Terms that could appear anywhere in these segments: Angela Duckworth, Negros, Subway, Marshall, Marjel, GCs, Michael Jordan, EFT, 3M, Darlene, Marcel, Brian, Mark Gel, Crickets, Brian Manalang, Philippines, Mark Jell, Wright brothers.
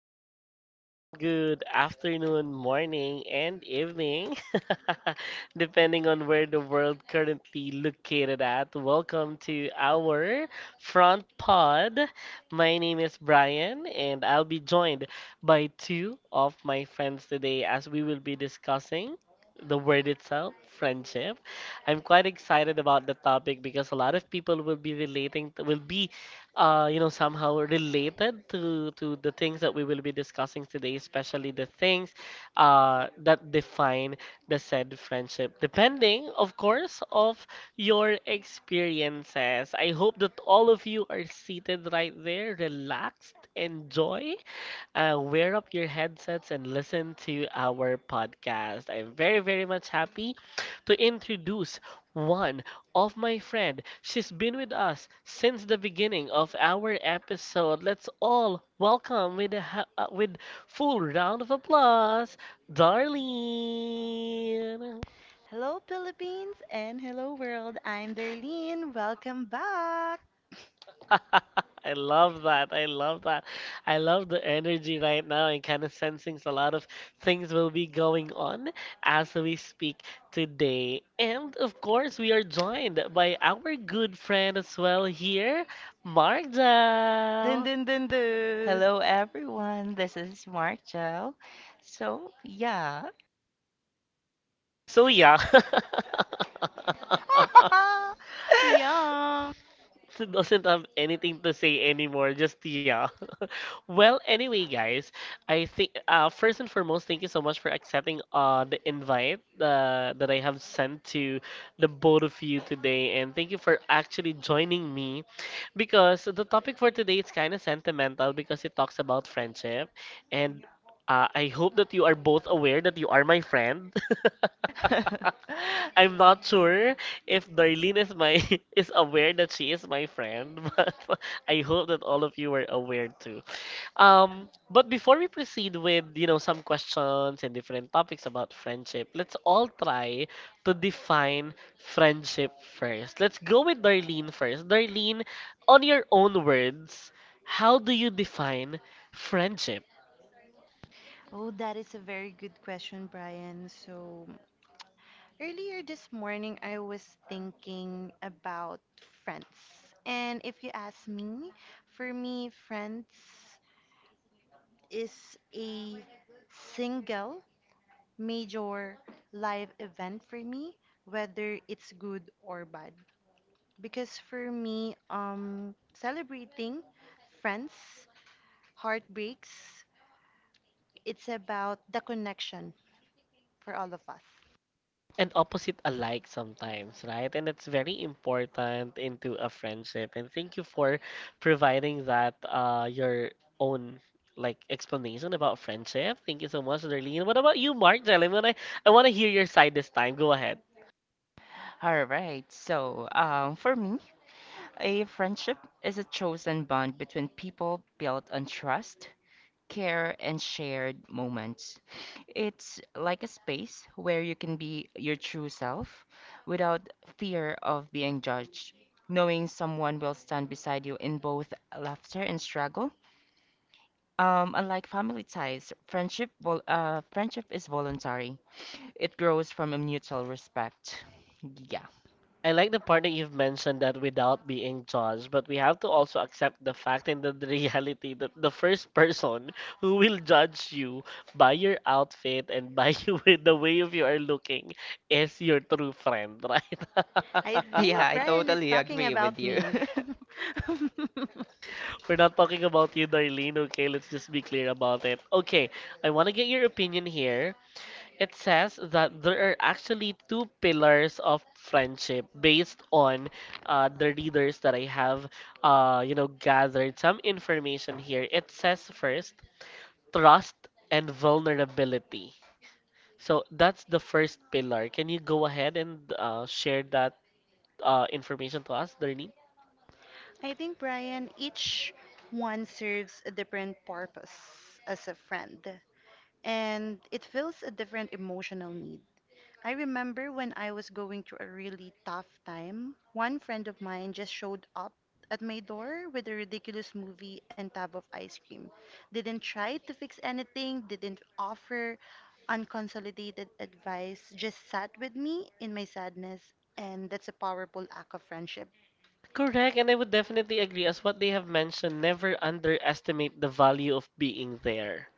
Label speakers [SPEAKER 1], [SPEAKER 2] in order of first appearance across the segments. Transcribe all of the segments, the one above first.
[SPEAKER 1] gentlemen? Good afternoon, morning, and evening, depending on where the world currently located at. Welcome to our front pod. My name is Brian, and I'll be joined by two of my friends today as we will be discussing the word itself, friendship. I'm quite excited about the topic because a lot of people will be relating, will be somehow related to the things that we will be discussing today, especially the things that define the said friendship, depending, of course, of your experiences. I hope that all of you are seated right there, relaxed, enjoy, wear up your headsets and listen to our podcast. I'm very, very much happy to introduce one of my friend. She's been with us since the beginning of our episode. Let's all welcome with a with full round of applause, Darlene.
[SPEAKER 2] Hello, Philippines, and hello, world. I'm Darlene. Welcome back.
[SPEAKER 1] I love that. I love that. I love the energy right now and kind of sensing a lot of things will be going on as we speak today. And of course, we are joined by our good friend as well here,
[SPEAKER 2] Dun
[SPEAKER 1] Marjal.
[SPEAKER 2] dun dun dun.
[SPEAKER 3] Hello, everyone. This is Marcel. So, yeah.
[SPEAKER 1] So, yeah.
[SPEAKER 2] Yum.
[SPEAKER 1] doesn't have anything to say anymore, just yeah. Well, anyway, guys, I think first and foremost, thank you so much for accepting the invite that I have sent to the both of you today, and thank you for actually joining me because the topic for today is kind of sentimental because it talks about friendship, and I hope that you are both aware that you are my friend. I'm not sure if Darlene is my is aware that she is my friend, but I hope that all of you are aware too. But before we proceed with, some questions and different topics about friendship, let's all try to define friendship first. Let's go with Darlene first. Darlene, on your own words, how do you define friendship?
[SPEAKER 2] Oh, that is a very good question, Brian. So, earlier this morning, I was thinking about friends. And if you ask me, for me, friends is a single major life event for me, whether it's good or bad. Because for me, celebrating friends, heartbreaks, it's about the connection for all of us.
[SPEAKER 1] And opposite alike sometimes, right? And it's very important into a friendship. And thank you for providing that your own like explanation about friendship. Thank you so much, Darlene. What about you, Mark Jellem? I want to hear your side this time. Go ahead.
[SPEAKER 3] All right. For me, a friendship is a chosen bond between people built on trust, care, and shared moments. It's like a space where you can be your true self without fear of being judged. Knowing someone will stand beside you in both laughter and struggle. Unlike family ties, friendship is voluntary. It grows from a mutual respect. Yeah.
[SPEAKER 1] I like the part that you've mentioned that without being judged, but we have to also accept the fact and the, the reality that the first person who will judge you by your outfit and by you with the way of you are looking is your true friend, right?
[SPEAKER 2] I think
[SPEAKER 3] Yeah, I
[SPEAKER 2] Brian is
[SPEAKER 3] totally
[SPEAKER 2] talking
[SPEAKER 3] agree with
[SPEAKER 2] about
[SPEAKER 3] you.
[SPEAKER 2] me.
[SPEAKER 1] We're not talking about you, Darlene. Okay, let's just be clear about it. Okay, I want to get your opinion here. It says that there are actually two pillars of friendship based on the readers that I have, gathered some information here. It says first, trust and vulnerability. So that's the first pillar. Can you go ahead and share that information to us, Darlene?
[SPEAKER 2] I think, Brian, each one serves a different purpose as a friend, and it fills a different emotional need. I remember when I was going through a really tough time, one friend of mine just showed up at my door with a ridiculous movie and tub of ice cream. Didn't try to fix anything, didn't offer unconsolidated advice, just sat with me in my sadness, and that's a powerful act of friendship.
[SPEAKER 1] Correct, and I would definitely agree as what they have mentioned, never underestimate the value of being there,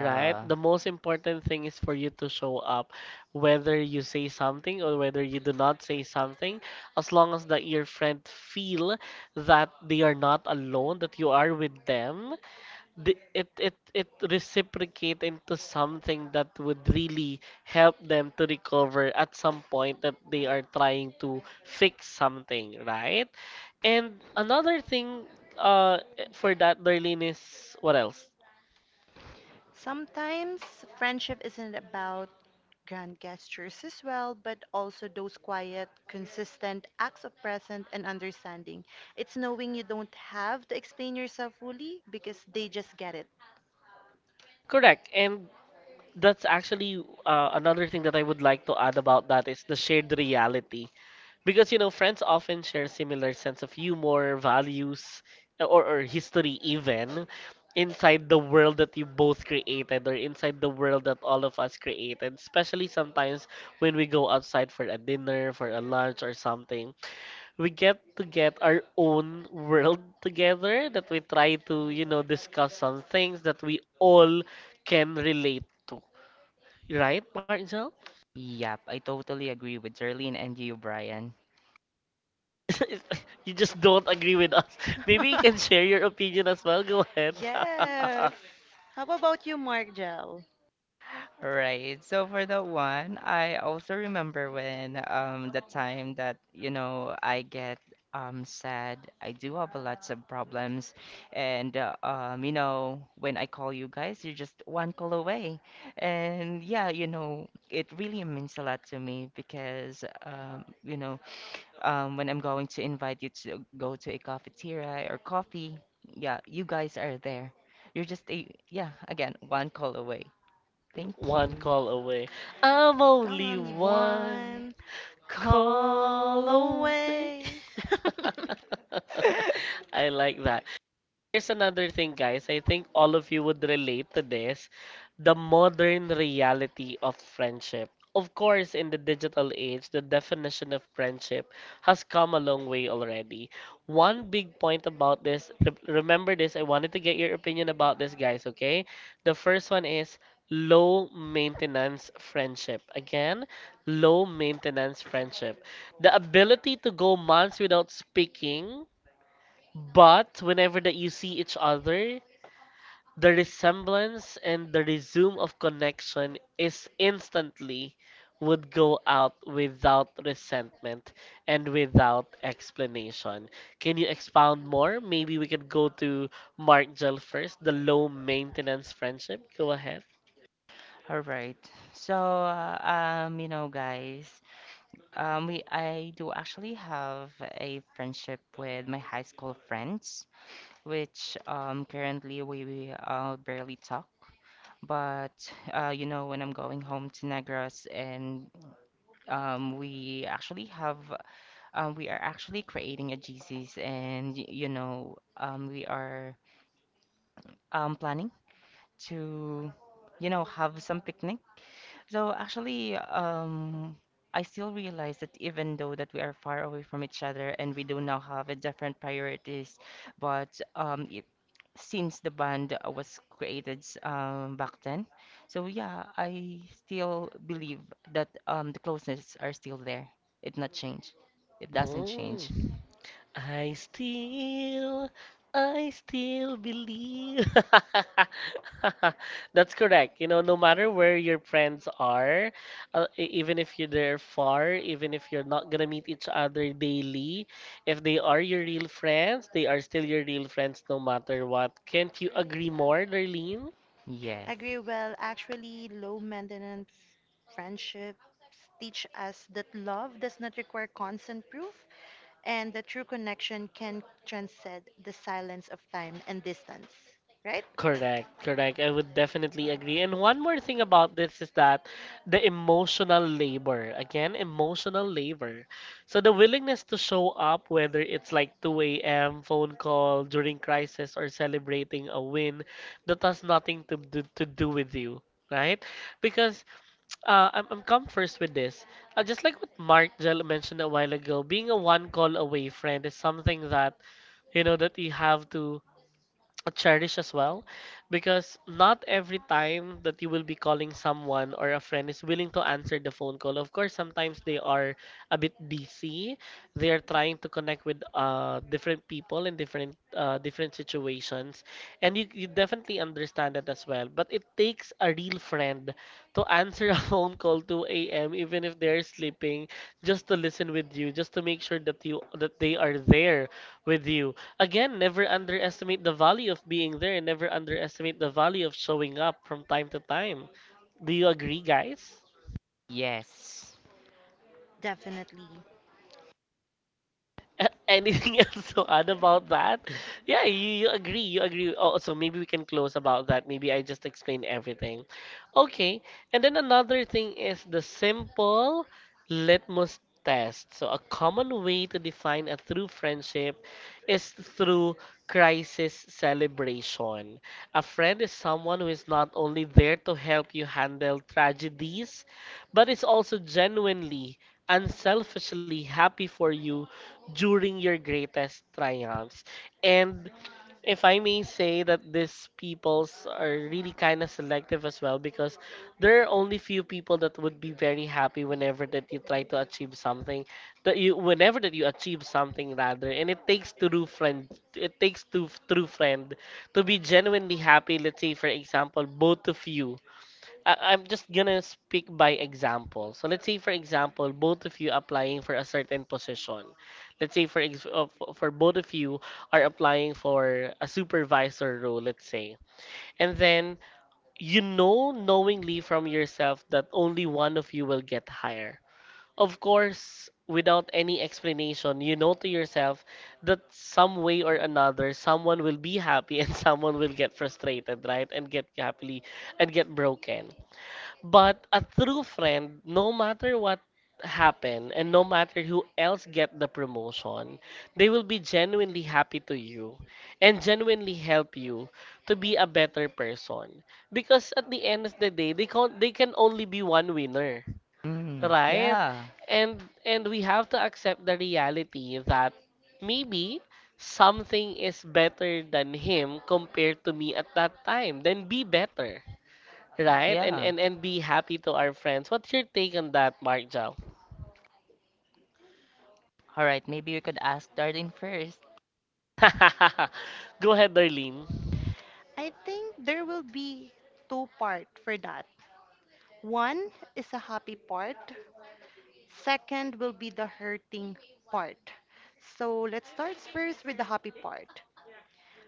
[SPEAKER 1] right? The most important thing is for you to show up, whether you say something or whether you do not say something, as long as that your friend feel that they are not alone, that you are with them, the, it reciprocate into something that would really help them to recover at some point that they are trying to fix something, right? And another thing uh for that Darlene is what else?
[SPEAKER 2] Sometimes friendship isn't about grand gestures as well, but also those quiet, consistent acts of presence and understanding. It's knowing you don't have to explain yourself fully because they just get it.
[SPEAKER 1] Correct. And that's actually another thing that I would like to add about that is the shared reality. Because, you know, friends often share similar sense of humor, values, or history even inside the world that you both created or inside the world that all of us created. Especially sometimes when we go outside for a dinner, for a lunch or something. We get to get our own world together that we try to, discuss some things that we all can relate to. Right, Marcel?
[SPEAKER 3] Yep, I totally agree with Darlene and you, Brian.
[SPEAKER 1] You just don't agree with us. Maybe you can share your opinion as well. Go ahead.
[SPEAKER 2] Yes. How about you, Mark Gel?
[SPEAKER 3] Right. So for that one, I also remember when the time that, you know, I get sad. I do have a lots of problems and you know, when I call you guys, you're just one call away. And yeah, you know, it really means a lot to me because you know, when I'm going to invite you to go to a cafeteria or coffee, yeah, you guys are there. You're just a yeah, again, one call away. Thank
[SPEAKER 1] One
[SPEAKER 3] you.
[SPEAKER 1] call away. I'm
[SPEAKER 2] Come
[SPEAKER 1] only
[SPEAKER 2] on, the
[SPEAKER 1] one
[SPEAKER 2] one
[SPEAKER 1] call
[SPEAKER 2] call
[SPEAKER 1] away.
[SPEAKER 2] away.
[SPEAKER 1] I like that. Here's another thing, guys. I think all of you would relate to this. The modern reality of friendship. Of course, in the digital age, the definition of friendship has come a long way already. One big point about this, remember this, I wanted to get your opinion about this, guys, okay? The first one is low maintenance friendship. Again, low maintenance friendship. The ability to go months without speaking but whenever that you see each other, the resemblance and the resume of connection is instantly would go out without resentment and without explanation. Can you expound more? Maybe we could go to Mark Gel first, the low maintenance friendship. Go ahead.
[SPEAKER 3] All right. You know, guys, we I do actually have a friendship with my high school friends, which currently we barely talk. But you know, when I'm going home to Negros, and um, we actually have, we are actually creating a GCs, and you know, we are planning to, you know, have some picnic. So actually, I still realize that even though that we are far away from each other and we do now have a different priorities, but since the band was created back then, so yeah, I still believe that the closeness are still there. It not change. It doesn't change.
[SPEAKER 1] Mm. I still, I still believe. That's correct. You know, no matter where your friends are, even if you're there far, even if you're not gonna meet each other daily, if they are your real friends, they are still your real friends no matter what. Can't you agree more, Darlene?
[SPEAKER 3] Yes.
[SPEAKER 2] Agree. Well, actually, low maintenance friendships teach us that love does not require constant proof and the true connection can transcend the silence of time and distance, right?
[SPEAKER 1] Correct, correct. I would definitely agree. And one more thing about this is that the emotional labor, again, emotional labor. So the willingness to show up, whether it's like 2 a.m. phone call during crisis or celebrating a win, that has nothing to do with you, right? Because I'm come first with this. Just like what Mark Jell mentioned a while ago, being a one call away friend is something that you know that you have to cherish as well because not every time that you will be calling someone or a friend is willing to answer the phone call of course sometimes they are a bit busy. They are trying to connect with different people in different situations, and you definitely understand that as well, but it takes a real friend to answer a phone call 2 a.m. even if they're sleeping, just to listen with you, just to make sure that you that they are there with you. Again, never underestimate the value of being there and never underestimate the value of showing up from time to time. Do you agree, guys?
[SPEAKER 3] Yes.
[SPEAKER 2] Definitely.
[SPEAKER 1] Anything else to add about that? Yeah, you agree. Oh, so maybe we can close about that. Maybe I just explained everything. Okay, and then another thing is the simple litmus test. So a common way to define a true friendship is through crisis celebration. A friend is someone who is not only there to help you handle tragedies, but is also genuinely, unselfishly happy for you during your greatest triumphs. And if I may say that these peoples are really kind of selective as well because there are only few people that would be very happy whenever that you try to achieve something that you whenever that you achieve something rather and it takes true friend it takes to true friend to be genuinely happy let's say for example both of you. I'm just gonna speak by example. So let's say, for example, both of you applying for a certain position. Let's say, for both of you are applying for a supervisor role, let's say, and then you know knowingly from yourself that only one of you will get hired. Of course, without any explanation, you know to yourself that some way or another, someone will be happy and someone will get frustrated, right? And get happily and get broken. But a true friend, no matter what happened and no matter who else get the promotion, they will be genuinely happy to you and genuinely help you to be a better person. Because at the end of the day, they can only be one winner,
[SPEAKER 3] Mm,
[SPEAKER 1] right?
[SPEAKER 3] yeah.
[SPEAKER 1] And we have to accept the reality that maybe something is better than him compared to me at that time. Then be better. Right? And
[SPEAKER 3] Yeah.
[SPEAKER 1] and and be happy to our friends. What's your take on that, Mark Jow?
[SPEAKER 3] All right. Maybe we could ask Darlene first.
[SPEAKER 1] Go ahead, Darlene.
[SPEAKER 2] I think there will be two part for that. One is a happy part. Second will be the hurting part. So let's start first with the happy part.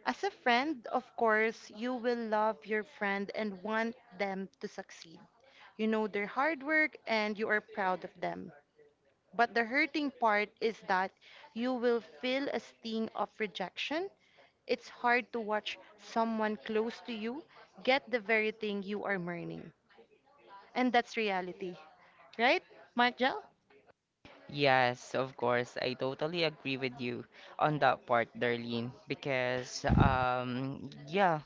[SPEAKER 2] As a friend, of course, you will love your friend and want them to succeed. You know their hard work and you are proud of them. But the hurting part is that you will feel a sting of rejection. It's hard to watch someone close to you get the very thing you are mourning. And that's reality, right, Mark Jell?
[SPEAKER 3] Yes, of course. I totally agree with you on that part, Darlene, because yeah,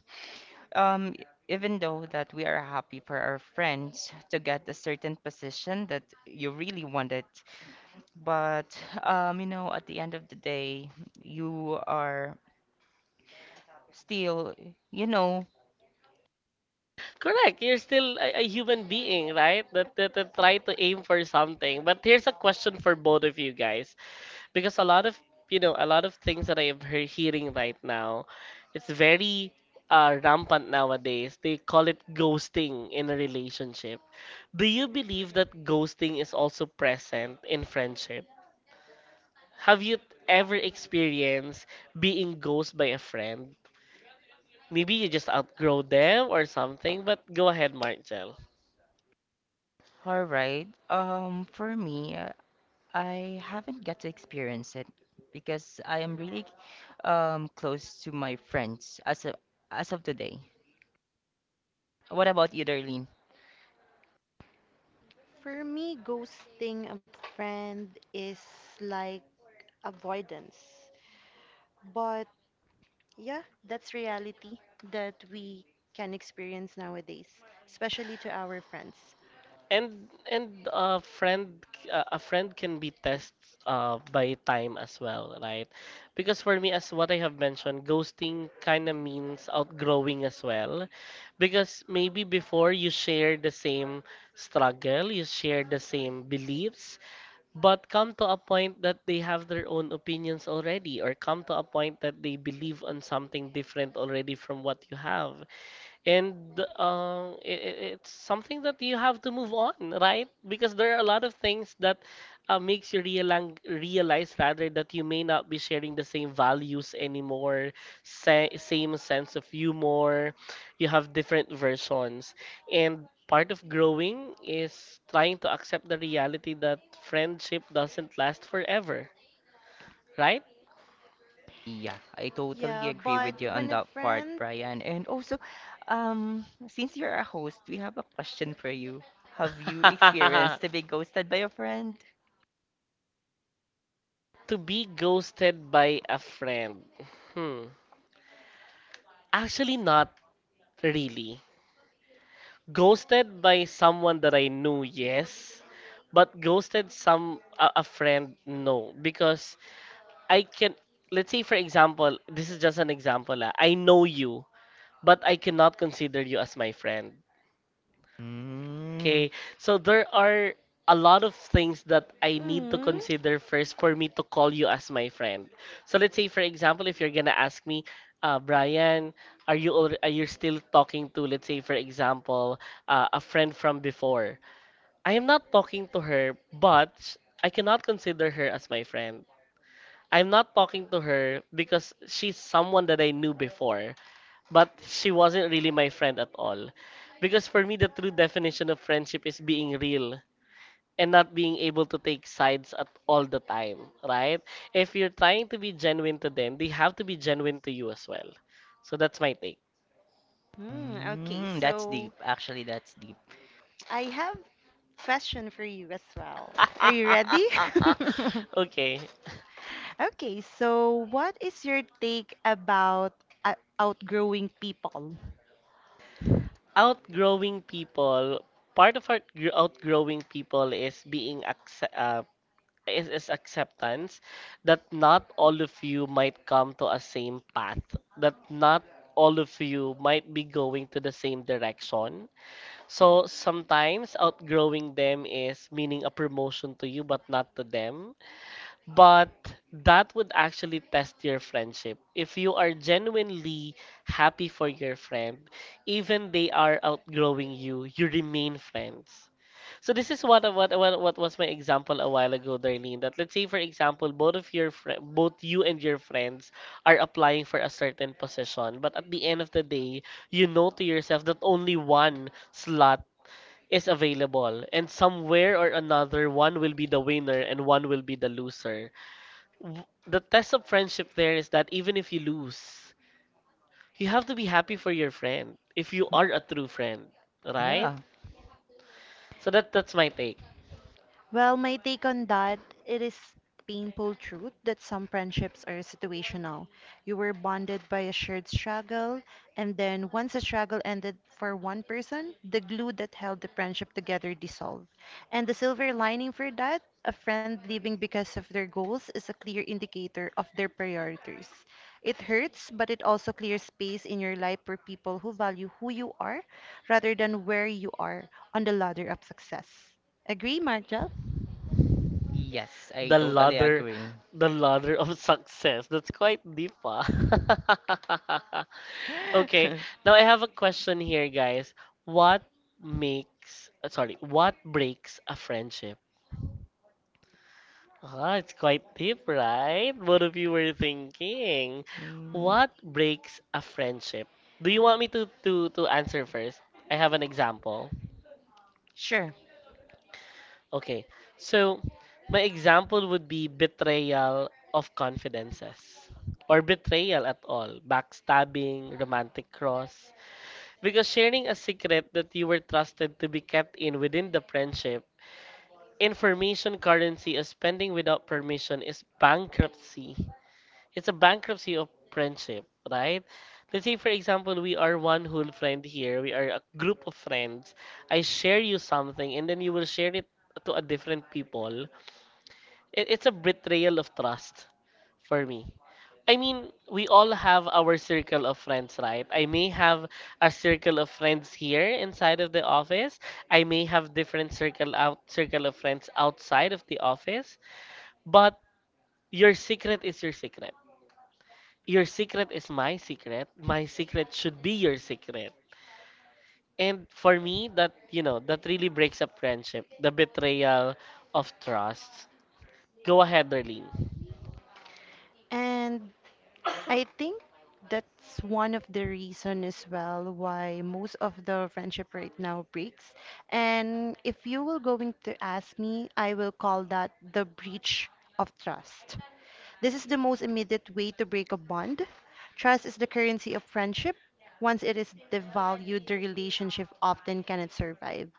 [SPEAKER 3] um even though that we are happy for our friends to get a certain position that you really wanted, but you know, at the end of the day, you are still, you know,
[SPEAKER 1] Correct. You're still a human being, right? That try to aim for something. But here's a question for both of you guys, because a lot of a lot of things that I am hearing right now, it's very rampant nowadays. They call it ghosting in a relationship. Do you believe that ghosting is also present in friendship? Have you ever experienced being ghosted by a friend? Maybe you just outgrow them or something, but go ahead, Marcel.
[SPEAKER 3] all right. For me, I haven't got to experience it because I am really close to my friends as of today. What about you, Darlene?
[SPEAKER 2] For me, ghosting a friend is like avoidance. But. Yeah, that's reality that we can experience nowadays, especially to our friends.
[SPEAKER 1] And a friend can be test by time as well, right? Because for me, as what I have mentioned, ghosting kind of means outgrowing as well. Because maybe before you share the same struggle, you share the same beliefs, but come to a point that they have their own opinions already, or come to a point that they believe on something different already from what you have and it's something that you have to move on, right? Because there are a lot of things that makes you realize, realize rather, that you may not be sharing the same values anymore, same sense of humor, you have different versions, and part of growing is trying to accept the reality that friendship doesn't last forever, right?
[SPEAKER 3] Yeah, I totally
[SPEAKER 2] Yeah,
[SPEAKER 3] agree
[SPEAKER 2] but
[SPEAKER 3] with you
[SPEAKER 2] when
[SPEAKER 3] on
[SPEAKER 2] a
[SPEAKER 3] that part,
[SPEAKER 2] friend.
[SPEAKER 3] Brian. And also, since you're a host, we have a question for you. Have you experienced to be ghosted by a friend?
[SPEAKER 1] To be ghosted by a friend. Hmm. Actually, not. Really. Ghosted by someone that I knew, yes. But ghosted a friend, no. Because I can, let's say for example, this is just an example. Ah, I know you, but I cannot consider you as my friend.
[SPEAKER 3] Mm,
[SPEAKER 1] Okay, so there are a lot of things that I need to
[SPEAKER 2] Mm,
[SPEAKER 1] consider first for me to call you as my friend. So let's say, for example, if you're gonna ask me, Brian, are you still talking to, let's say, for example, a friend from before? I am not talking to her, but I cannot consider her as my friend. I'm not talking to her because she's someone that I knew before, but she wasn't really my friend at all. Because for me, the true definition of friendship is being real and not being able to take sides at all the time, right? If you're trying to be genuine to them, they have to be genuine to you as well. So that's my take.
[SPEAKER 2] okay,
[SPEAKER 3] mm, that's
[SPEAKER 2] so
[SPEAKER 3] deep. Actually, that's deep.
[SPEAKER 2] I have question for you as well. Are you ready?
[SPEAKER 1] Okay.
[SPEAKER 2] Okay, so what is your take about outgrowing people?
[SPEAKER 1] Outgrowing people, part of our gr- outgrowing people is acceptance that not all of you might come to a same path, that not all of you might be going to the same direction. So sometimes outgrowing them is meaning a promotion to you but not to them. But that would actually test your friendship. If you are genuinely happy for your friend, even they are outgrowing you, you remain friends. So this is what was my example a while ago, Darlene. That let's say for example, both you and your friends are applying for a certain position, but at the end of the day, you know to yourself that only one slot is available, and somewhere or another, one will be the winner and one will be the loser. The test of friendship there is that even if you lose, you have to be happy for your friend if you are a true friend, right?
[SPEAKER 3] Yeah.
[SPEAKER 1] So that's my take.
[SPEAKER 2] Well, my take on that, it is painful truth that some friendships are situational. You were bonded by a shared struggle, and then once the struggle ended for one person, the glue that held the friendship together dissolved. And the silver lining for that, a friend leaving because of their goals is a clear indicator of their priorities. It hurts, but it also clears space in your life for people who value who you are rather than where you are on the ladder of success. Agree, Marjel?
[SPEAKER 3] Yes, I
[SPEAKER 1] The
[SPEAKER 3] totally
[SPEAKER 1] ladder,
[SPEAKER 3] agree.
[SPEAKER 1] the ladder of success. That's quite deep, ah. Okay, now I have a question here, guys. What makes, sorry, what breaks a friendship? Ah, it's quite deep, right? Both of you were thinking.
[SPEAKER 3] Mm,
[SPEAKER 1] What breaks a friendship? Do you want me to answer first? I have an example.
[SPEAKER 3] sure.
[SPEAKER 1] Okay, so my example would be betrayal of confidences or betrayal at all, backstabbing, romantic cross. Because sharing a secret that you were trusted to be kept in within the friendship, information currency is spending without permission is bankruptcy. It's a bankruptcy of friendship, right? Let's say, for example, we are one whole friend here, we are a group of friends. I share you something, and then you will share it to a different people, it's a betrayal of trust for me. I mean, we all have our circle of friends, right? I may have a circle of friends here inside of the office. I may have different circle of friends outside of the office, but your secret is your secret. Your secret is my secret. My secret should be your secret. And for me, that, you know, that really breaks up friendship, the betrayal of trust. Go ahead, Darlene.
[SPEAKER 2] And I think that's one of the reason as well why most of the friendship right now breaks. And if you were going to ask me, I will call that the breach of trust. This is the most immediate way to break a bond. Trust is the currency of friendship. Once it is devalued, the relationship often cannot survive.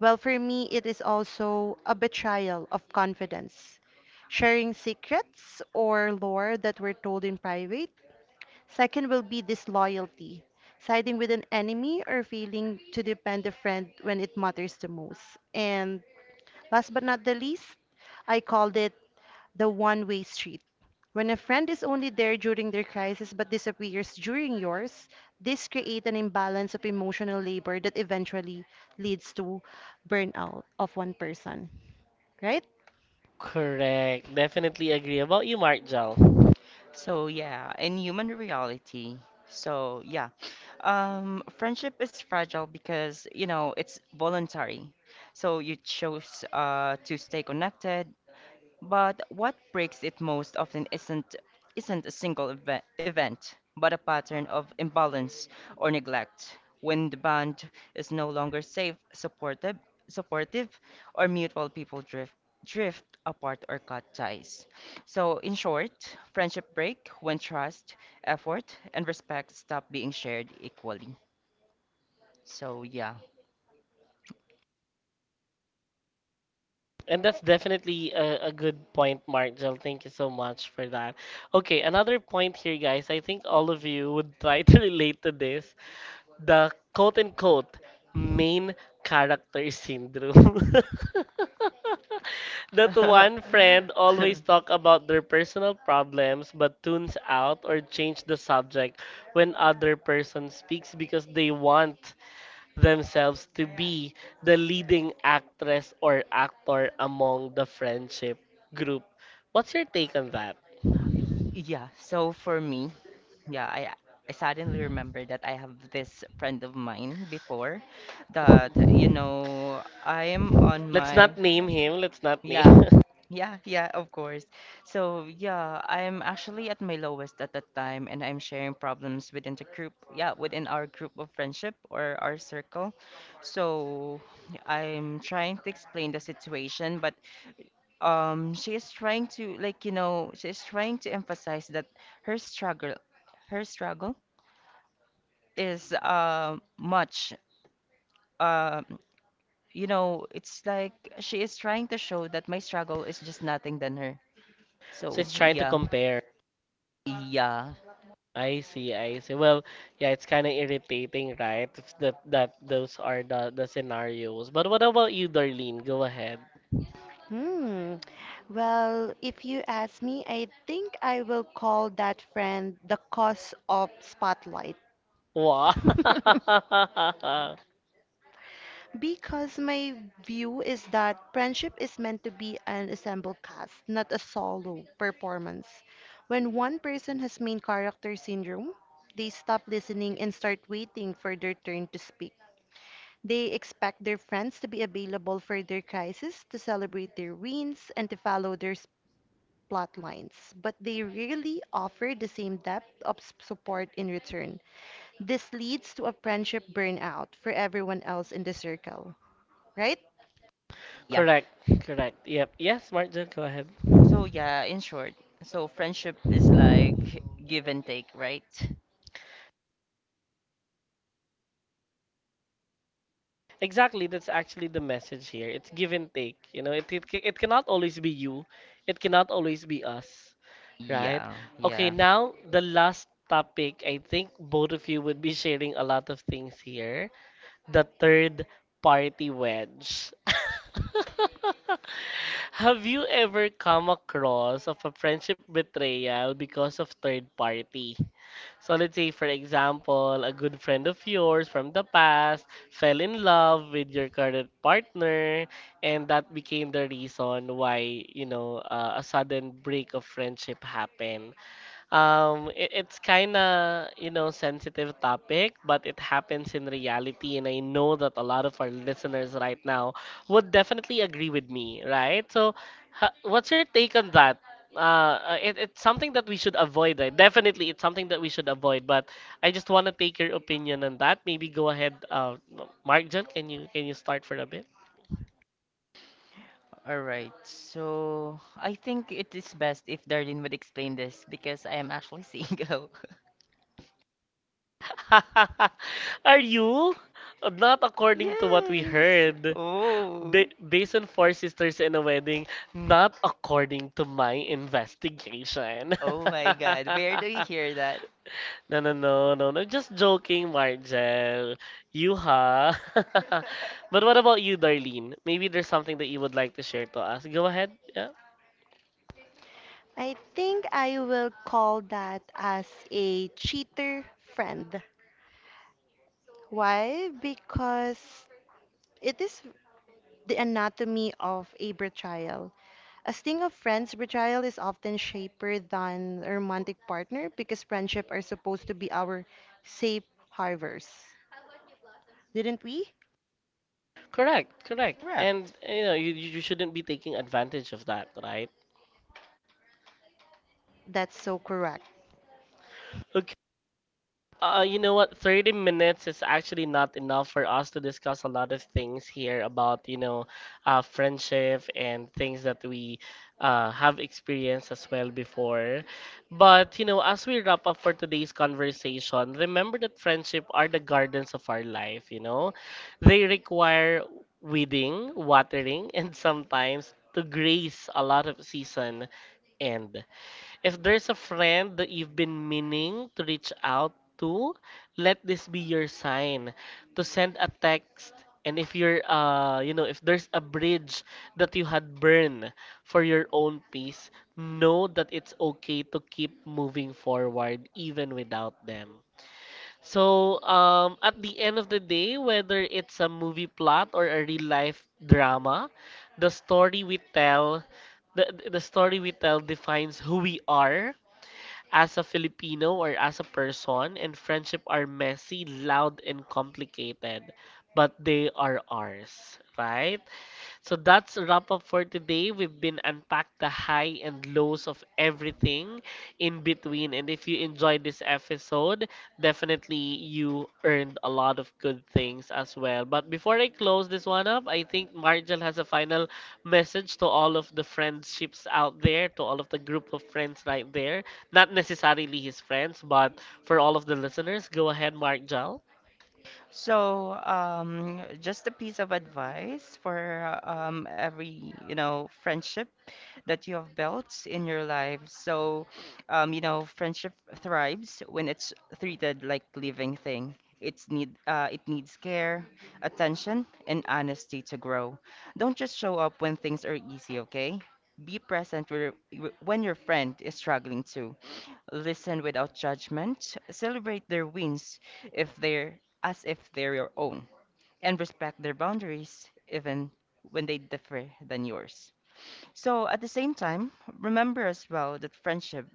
[SPEAKER 2] Well, for me, it is also a betrayal of confidence, sharing secrets or lore that were told in private. Second will be disloyalty, siding with an enemy or failing to defend a friend when it matters the most. And last but not the least, I called it the one way street. When a friend is only there during their crisis but disappears during yours, this creates an imbalance of emotional labor that eventually leads to burnout of one person, right?
[SPEAKER 1] Correct. Definitely agree. About you, Marjal.
[SPEAKER 3] So yeah, in human reality. So yeah, friendship is fragile because you know it's voluntary. So you chose to stay connected, but what breaks it most often isn't a single event, but a pattern of imbalance or neglect. When the bond is no longer safe, supportive, or mutual, people drift apart or cut ties. So, in short, friendship break when trust, effort, and respect stop being shared equally. So, yeah.
[SPEAKER 1] And that's definitely a good point, Marjal. Thank you so much for that. Okay, another point here, guys. I think all of you would try to relate to this. The quote unquote main character syndrome. That one friend always talk about their personal problems but tunes out or change the subject when other person speaks because they want themselves to be the leading actress or actor among the friendship group. What's your take on that?
[SPEAKER 3] Yeah, so for me, yeah, I suddenly remember that I have this friend of mine before that, you know, I'm on
[SPEAKER 1] Let's
[SPEAKER 3] my
[SPEAKER 1] not name him. Let's not name.
[SPEAKER 3] yeah. Yeah, yeah, of course. So, yeah, I'm actually at my lowest at that time and I'm sharing problems within the group, yeah, within our group of friendship or our circle. So, I'm trying to explain the situation, but she is trying to like you know she is trying to emphasize that her struggle her struggle is much um you know it's like she is trying to show that my struggle is just nothing than her
[SPEAKER 1] So
[SPEAKER 3] so
[SPEAKER 1] it's trying to
[SPEAKER 3] yeah
[SPEAKER 1] compare.
[SPEAKER 3] yeah
[SPEAKER 1] I see. I see. Well, yeah, it's kind of irritating, right? If that those are the scenarios. But what about you, Darlene? Go ahead.
[SPEAKER 2] Hmm. Well, if you ask me, I think I will call that friend the cause of spotlight.
[SPEAKER 1] Wow.
[SPEAKER 2] Because my view is that friendship is meant to be an ensemble cast, not a solo performance. When one person has main character syndrome, they stop listening and start waiting for their turn to speak. They expect their friends to be available for their crisis, to celebrate their wins, and to follow their plot lines, but they rarely offer the same depth of support in return. This leads to a friendship burnout for everyone else in the circle, right?
[SPEAKER 3] yeah
[SPEAKER 1] Correct. Correct. Yep. Yes, Marjan, go ahead.
[SPEAKER 3] so yeah in short so friendship is like give and take right
[SPEAKER 1] Exactly, that's actually the message here. It's give and take. You know, it cannot always be you. It cannot always be us, right?
[SPEAKER 3] yeah
[SPEAKER 1] Okay,
[SPEAKER 3] yeah
[SPEAKER 1] now the last topic. I think both of you would be sharing a lot of things here. The third party wedge. Have you ever come across of a friendship betrayal because of third party? So let's say, for example, a good friend of yours from the past fell in love with your current partner, and that became the reason why, you know, a sudden break of friendship happened. It's kind of, you know, sensitive topic, but it happens in reality, and I know that a lot of our listeners right now would definitely agree with me, right? So, ha what's your take on that? Uh, it's something that we should avoid, right? Definitely, it's something that we should avoid, but I just want to take your opinion on that. Maybe go ahead, Mark John, can you start for a bit?
[SPEAKER 3] all right so I think it is best if Darlene would explain this because I am actually single.
[SPEAKER 1] Are you? Not according to what we
[SPEAKER 3] Yes.
[SPEAKER 1] heard.
[SPEAKER 3] Oh.
[SPEAKER 1] Ba Based on four sisters in a wedding, not according to my investigation.
[SPEAKER 3] Oh my God. Where do you hear that?
[SPEAKER 1] No, no, no, no, no. Just joking, Margel. You, huh? But what about you, Darlene? Maybe there's something that you would like to share to us. Go ahead. Yeah.
[SPEAKER 2] I think I will call that as a cheater friend. Why? Because it is the anatomy of a betrayal. A sting of friends, betrayal is often shaper than a romantic partner because friendship are supposed to be our safe harbors. Didn't we?
[SPEAKER 1] Correct, correct.
[SPEAKER 3] Correct.
[SPEAKER 1] And you know, you shouldn't be taking advantage of that, right?
[SPEAKER 2] That's so correct.
[SPEAKER 1] You know what? 30 minutes is actually not enough for us to discuss a lot of things here about, you know, friendship and things that we have experienced as well before. But, you know, as we wrap up for today's conversation, remember that friendship are the gardens of our life, you know? They require weeding, watering, and sometimes to grace a lot of season and. If there's a friend that you've been meaning to reach out to, let this be your sign to send a text. And if you're, you know, if there's a bridge that you had burned for your own peace, know that it's okay to keep moving forward even without them. So, at the end of the day, whether it's a movie plot or a real life drama, the story we tell the story we tell defines who we are as a Filipino or as a person, and friendship are messy, loud, and complicated, but they are ours, right? So that's a wrap up for today. We've been unpacked the high and lows of everything in between. And if you enjoyed this episode, definitely you earned a lot of good things as well. But before I close this one up, I think Margel has a final message to all of the friendships out there, to all of the group of friends right there. Not necessarily his friends, but for all of the listeners, go ahead, Margel.
[SPEAKER 3] Just a piece of advice for every, you know, friendship that you have built in your life. So, you know, friendship thrives when it's treated like living thing. It needs care, attention, and honesty to grow. Don't just show up when things are easy, okay? Be present where, when your friend is struggling too. Listen without judgment. Celebrate their wins if they're as if they're your own, and respect their boundaries even when they differ than yours. So at the same time, remember as well that friendship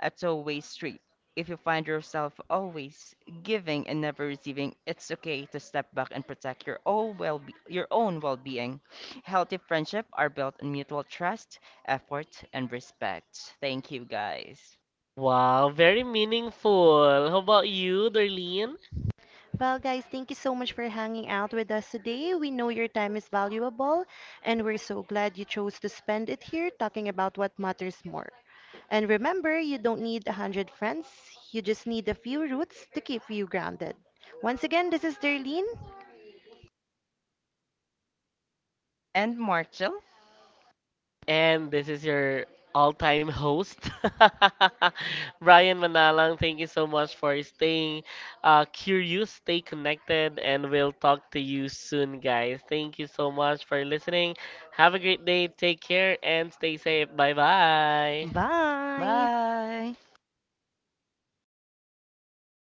[SPEAKER 3] a two-way street. If you find yourself always giving and never receiving, it's okay to step back and protect your own well your own well-being. Healthy friendships are built on mutual trust, effort, and respect. Thank you, guys.
[SPEAKER 1] Wow, very meaningful. How about you, Darlene?
[SPEAKER 2] Well, guys, thank you so much for hanging out with us today. We know your time is valuable, and we're so glad you chose to spend it here talking about what matters more. And remember, you don't need a 100 friends, you just need a few roots to keep you grounded. Once again, this is Darlene.
[SPEAKER 3] And Marshall,
[SPEAKER 1] And this is your all time host, Brian Manalang. Thank you so much for staying curious, stay connected, and we'll talk to you soon, guys. Thank you so much for listening. Have a great day. Take care and stay safe. Bye bye.
[SPEAKER 2] Bye.
[SPEAKER 3] bye.